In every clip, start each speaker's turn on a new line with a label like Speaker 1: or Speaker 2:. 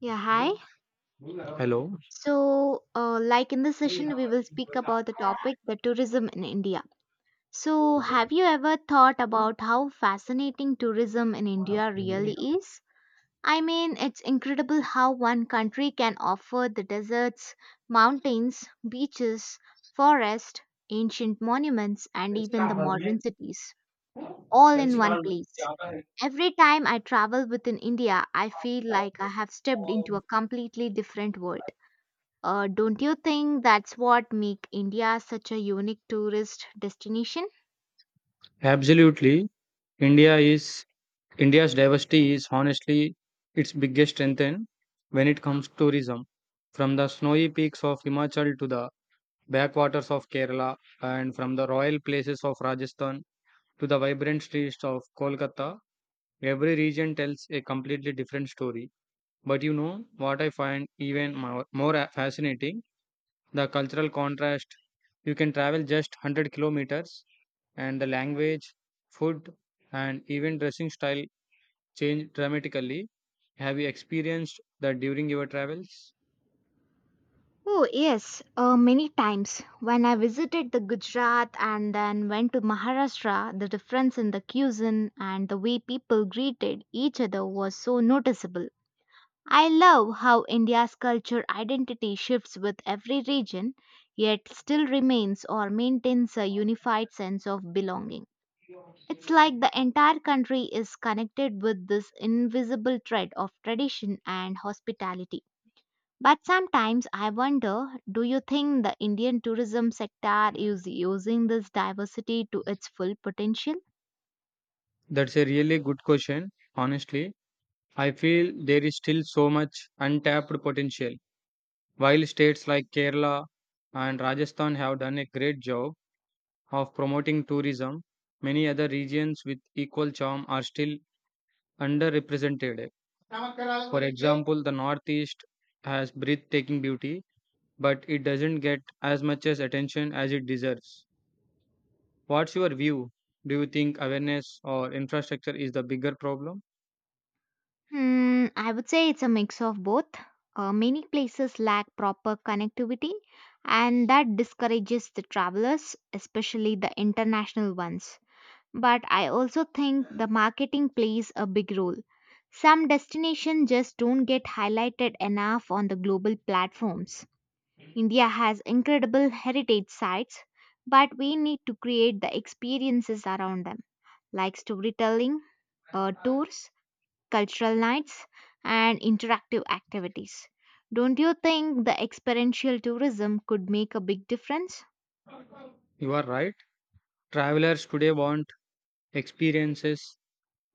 Speaker 1: Yeah, hi.
Speaker 2: Hello.
Speaker 1: So, like in this session, we will speak about the topic the tourism in India. So, have you ever thought about how fascinating tourism in India really is? I mean, it's incredible how one country can offer the deserts, mountains, beaches, forest, ancient monuments, and even the modern cities all in one place. Every time I travel within India, I feel like I have stepped into a completely different world. Don't you think that's what make India such a unique tourist destination?
Speaker 2: Absolutely. India is India's diversity is honestly its biggest strength when it comes to tourism. From the snowy peaks of Himachal to the backwaters of Kerala, and from the royal places of Rajasthan to the vibrant streets of Kolkata, every region tells a completely different story. But you know what I find even more fascinating? The cultural contrast. You can travel just 100 kilometers and the language, food, and even dressing style change dramatically. Have you experienced that during your travels?
Speaker 1: Oh yes, many times when I visited the Gujarat and then went to Maharashtra, the difference in the cuisine and the way people greeted each other was so noticeable. I love how India's culture identity shifts with every region, yet still remains or maintains a unified sense of belonging. It's like the entire country is connected with this invisible thread of tradition and hospitality. But sometimes I wonder, do you think the Indian tourism sector is using this diversity to its full potential?
Speaker 2: That's a really good question. Honestly, I feel there is still so much untapped potential. While states like Kerala and Rajasthan have done a great job of promoting tourism, many other regions with equal charm are still underrepresented. For example, the Northeast has breathtaking beauty, but it doesn't get as much as attention as it deserves. What's your view? Do you think awareness or infrastructure is the bigger problem?
Speaker 1: Hmm, I would say it's a mix of both. Many places lack proper connectivity, and that discourages the travelers, especially the international ones. But I also think the marketing plays a big role. Some destinations just don't get highlighted enough on the global platforms. India has incredible heritage sites, but we need to create the experiences around them, like storytelling, tours, cultural nights, and interactive activities. Don't you think the experiential tourism could make a big difference?
Speaker 2: You are right. Travelers today want experiences,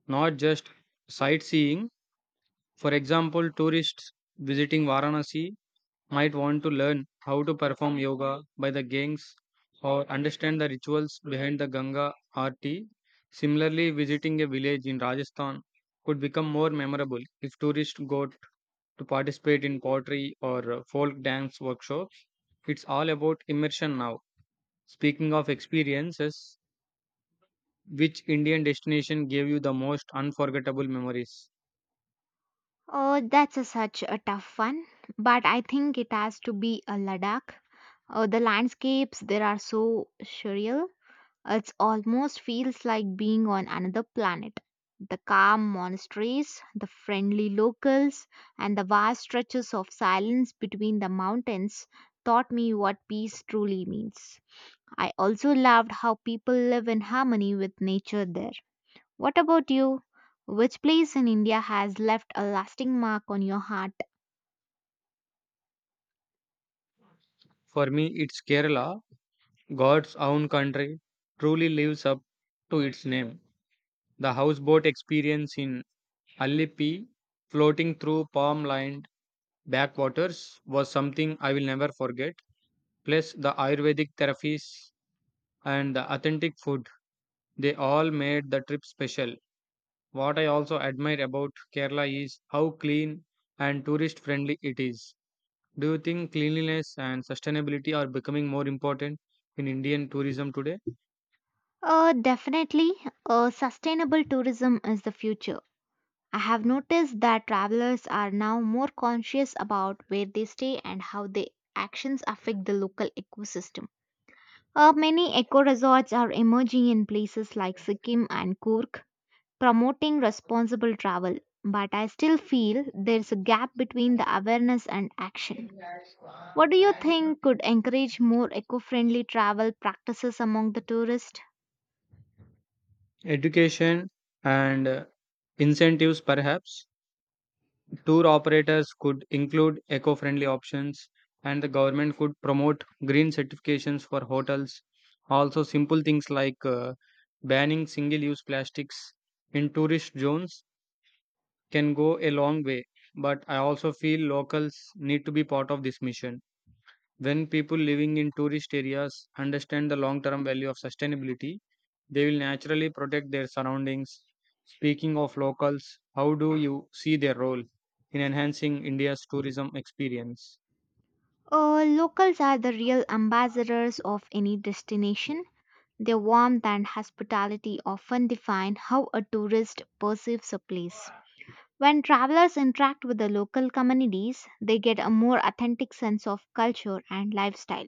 Speaker 2: not just sightseeing. For example, tourists visiting Varanasi might want to learn how to perform yoga by the gangs or understand the rituals behind the Ganga Aarti. Similarly, visiting a village in Rajasthan could become more memorable if tourists go to participate in pottery or folk dance workshops. It's all about immersion now. Speaking of experiences, which Indian destination gave you the most unforgettable memories?
Speaker 1: Oh, that's a such a tough one, but I think it has to be a Ladakh. Oh, the landscapes there are so surreal. It almost feels like being on another planet. The calm monasteries, the friendly locals, and the vast stretches of silence between the mountains taught me what peace truly means. I also loved how people live in harmony with nature there. What about you? Which place in India has left a lasting mark on your heart?
Speaker 2: For me, it's Kerala, God's own country, truly lives up to its name. The houseboat experience in Allippi, floating through palm lined backwaters, was something I will never forget. Plus, the Ayurvedic therapies and the authentic food, they all made the trip special. What I also admire about Kerala is how clean and tourist friendly it is. Do you think cleanliness and sustainability are becoming more important in Indian tourism today?
Speaker 1: Definitely, sustainable tourism is the future. I have noticed that travelers are now more conscious about where they stay and how their actions affect the local ecosystem. Many eco resorts are emerging in places like Sikkim and Kurk, promoting responsible travel. But I still feel there's a gap between the awareness and action. What do you think could encourage more eco friendly travel practices among the tourists?
Speaker 2: Education and incentives, perhaps. Tour operators could include eco friendly options, and the government could promote green certifications for hotels. Also, simple things like banning single use plastics in tourist zones can go a long way, but I also feel locals need to be part of this mission. When people living in tourist areas understand the long term value of sustainability, they will naturally protect their surroundings. Speaking of locals, how do you see their role in enhancing India's tourism experience?
Speaker 1: Locals are the real ambassadors of any destination. Their warmth and hospitality often define how a tourist perceives a place. When travelers interact with the local communities, they get a more authentic sense of culture and lifestyle.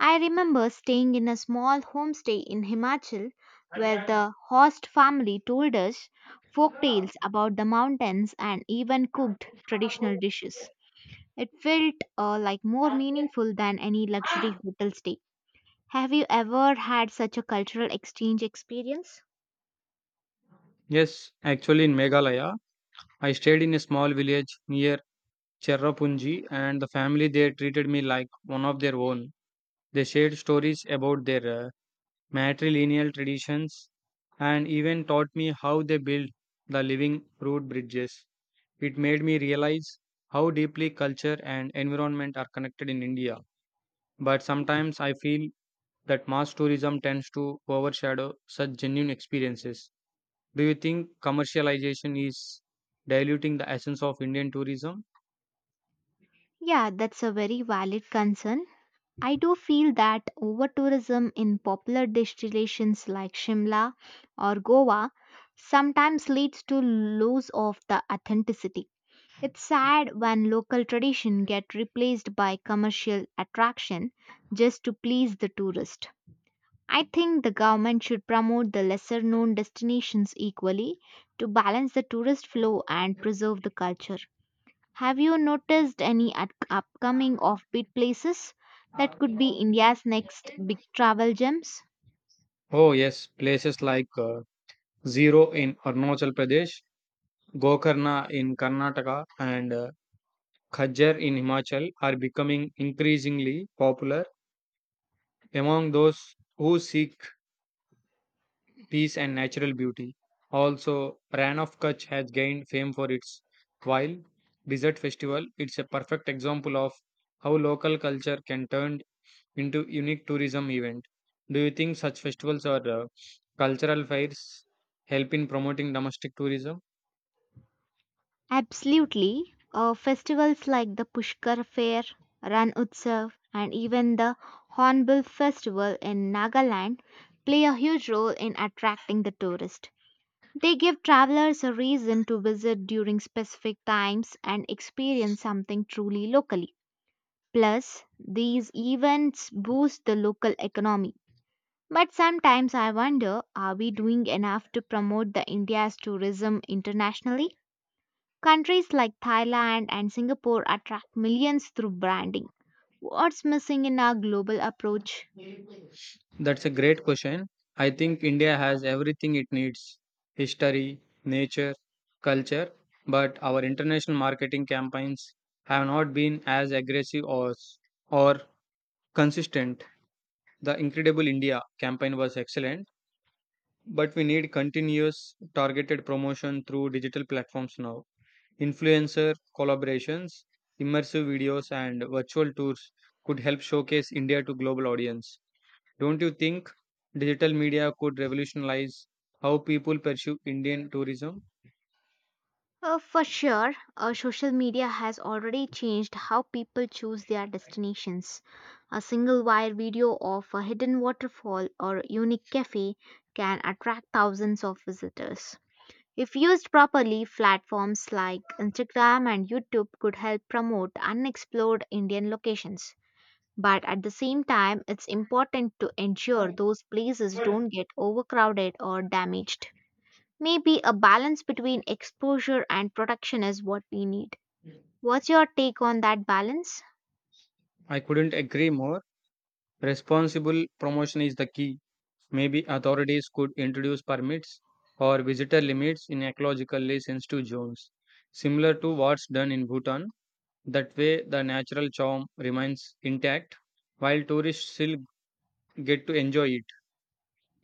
Speaker 1: I remember staying in a small homestay in Himachal where the host family told us folk tales about the mountains and even cooked traditional dishes. It felt like more meaningful than any luxury hotel stay. Have you ever had such a cultural exchange experience?
Speaker 2: Yes, actually, in Meghalaya, I stayed in a small village near Cherrapunji, and the family there treated me like one of their own. They shared stories about their matrilineal traditions, and even taught me how they build the living root bridges. It made me realize how deeply culture and environment are connected in India. But sometimes I feel that mass tourism tends to overshadow such genuine experiences. Do you think commercialization is diluting the essence of Indian tourism?
Speaker 1: Yeah, that's a very valid concern. I do feel that over tourism in popular destinations like Shimla or Goa sometimes leads to loss of the authenticity. It's sad when local tradition get replaced by commercial attraction just to please the tourist. I think the government should promote the lesser known destinations equally to balance the tourist flow and preserve the culture. Have you noticed any upcoming offbeat places that could be India's next big travel gems?
Speaker 2: Oh, yes, places like Zero in Arunachal Pradesh, Gokarna in Karnataka, and Khajjar in Himachal are becoming increasingly popular among those who seek peace and natural beauty. Also, Ran of Kutch has gained fame for its wild desert festival. It's a perfect example of how local culture can turn into unique tourism event. Do you think such festivals or cultural fairs help in promoting domestic tourism?
Speaker 1: Absolutely. Festivals like the Pushkar Fair, Ran Utsav, and even the Hornbill Festival in Nagaland play a huge role in attracting the tourist. They give travelers a reason to visit during specific times and experience something truly locally. Plus, these events boost the local economy. But sometimes I wonder, are we doing enough to promote the India's tourism internationally? Countries like Thailand and Singapore attract millions through branding. What's missing in our global approach?
Speaker 2: That's a great question. I think India has everything it needs history, nature, culture, but our international marketing campaigns have not been as aggressive or consistent. The Incredible India campaign was excellent, but we need continuous targeted promotion through digital platforms now. Influencer collaborations, immersive videos, and virtual tours could help showcase India to global audience. Don't you think digital media could revolutionize how people perceive Indian tourism?
Speaker 1: For sure, social media has already changed how people choose their destinations. A single wire video of a hidden waterfall or a unique cafe can attract thousands of visitors. If used properly, platforms like Instagram and YouTube could help promote unexplored Indian locations. But at the same time, it's important to ensure those places don't get overcrowded or damaged. Maybe a balance between exposure and protection is what we need. What's your take on that balance?
Speaker 2: I couldn't agree more. Responsible promotion is the key. Maybe authorities could introduce permits or visitor limits in ecologically sensitive zones, similar to what's done in Bhutan. That way, the natural charm remains intact while tourists still get to enjoy it.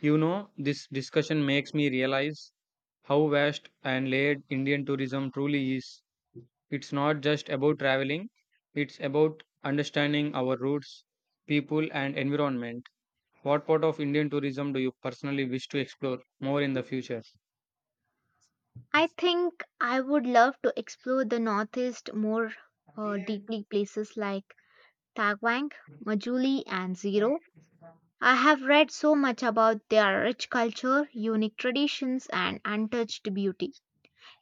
Speaker 2: You know, this discussion makes me realize how vast and layered Indian tourism truly is. It's not just about traveling, it's about understanding our roots, people, and environment. What part of Indian tourism do you personally wish to explore more in the future?
Speaker 1: I think I would love to explore the Northeast more deeply, places like Tagwang, Majuli, and Zero. I have read so much about their rich culture, unique traditions, and untouched beauty.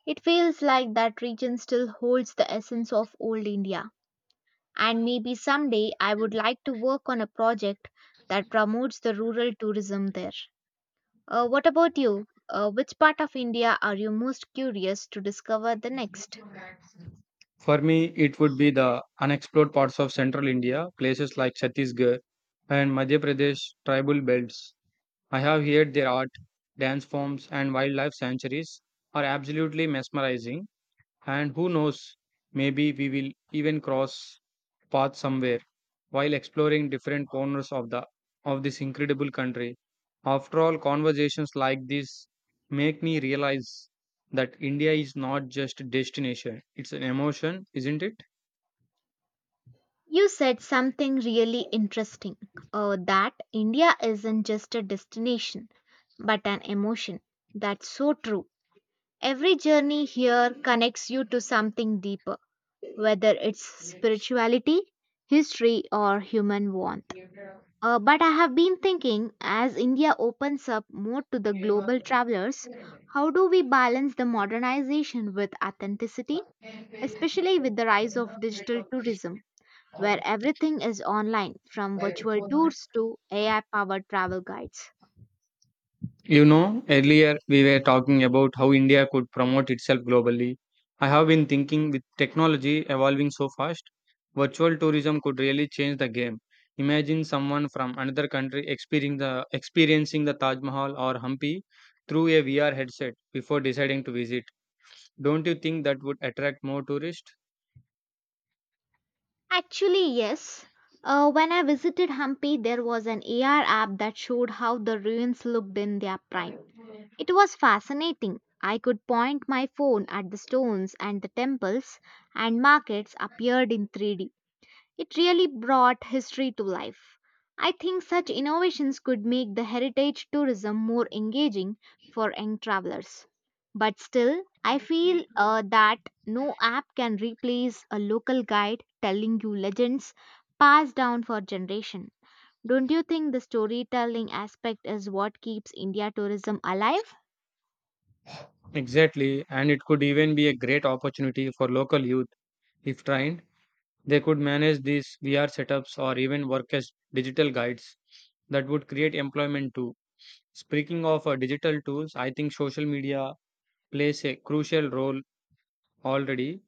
Speaker 1: It feels like that region still holds the essence of old India. And maybe someday I would like to work on a project that promotes the rural tourism there. What about you? Which part of India are you most curious to discover the next?
Speaker 2: For me, it would be the unexplored parts of central India, places like Chhattisgarh and Madhya Pradesh tribal belts. I have heard their art, dance forms, and wildlife sanctuaries are absolutely mesmerizing. And who knows, maybe we will even cross path somewhere while exploring different corners of the of this incredible country. After all, conversations like this make me realize that India is not just a destination, it's an emotion, isn't it?
Speaker 1: You said something really interesting, that India isn't just a destination, but an emotion. That's so true. Every journey here connects you to something deeper, whether it's spirituality, history, or human warmth. But I have been thinking, as India opens up more to the global travelers, how do we balance the modernization with authenticity, especially with the rise of digital tourism, where everything is online from virtual tours to AI powered travel guides?
Speaker 2: You know, earlier we were talking about how India could promote itself globally. I have been thinking with technology evolving so fast, virtual tourism could really change the game. Imagine someone from another country experiencing the Taj Mahal or Hampi through a VR headset before deciding to visit. Don't you think that would attract more tourists?
Speaker 1: Actually, yes. When I visited Hampi, there was an AR app that showed how the ruins looked in their prime. It was fascinating. I could point my phone at the stones and the temples, and markets appeared in 3D. It really brought history to life. I think such innovations could make the heritage tourism more engaging for young travelers. But still, I feel that no app can replace a local guide telling you legends passed down for generation. Don't you think the storytelling aspect is what keeps India tourism alive?
Speaker 2: Exactly, and it could even be a great opportunity for local youth if trained. They could manage these VR setups or even work as digital guides that would create employment too. Speaking of digital tools, I think social media plays a crucial role already.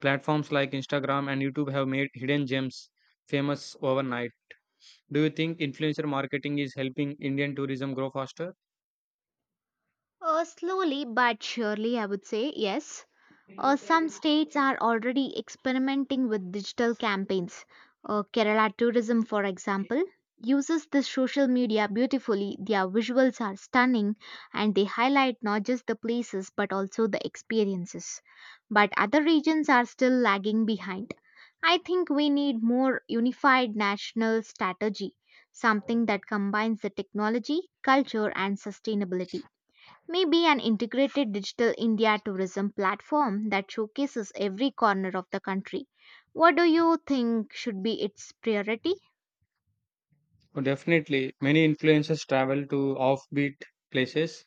Speaker 2: Platforms like Instagram and YouTube have made hidden gems famous overnight. Do you think influencer marketing is helping Indian tourism grow faster?
Speaker 1: Slowly but surely, I would say yes. Some states are already experimenting with digital campaigns. Kerala Tourism, for example, uses the social media beautifully. Their visuals are stunning and they highlight not just the places but also the experiences. But other regions are still lagging behind. I think we need more unified national strategy, something that combines the technology, culture, and sustainability. Maybe an integrated digital India tourism platform that showcases every corner of the country. What do you think should be its priority?
Speaker 2: Oh, definitely. Many influencers travel to offbeat places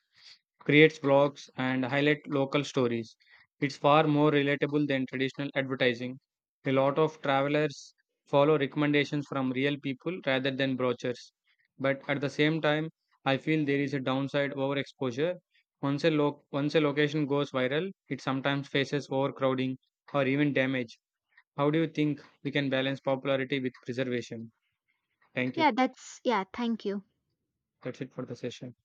Speaker 2: creates blogs, and highlight local stories. It's far more relatable than traditional advertising. A lot of travelers follow recommendations from real people rather than brochures. But at the same time, I feel there is a downside overexposure. Once a location goes viral, it sometimes faces overcrowding or even damage. How do you think we can balance popularity with preservation? Thank you.
Speaker 1: Thank you.
Speaker 2: That's it for the session.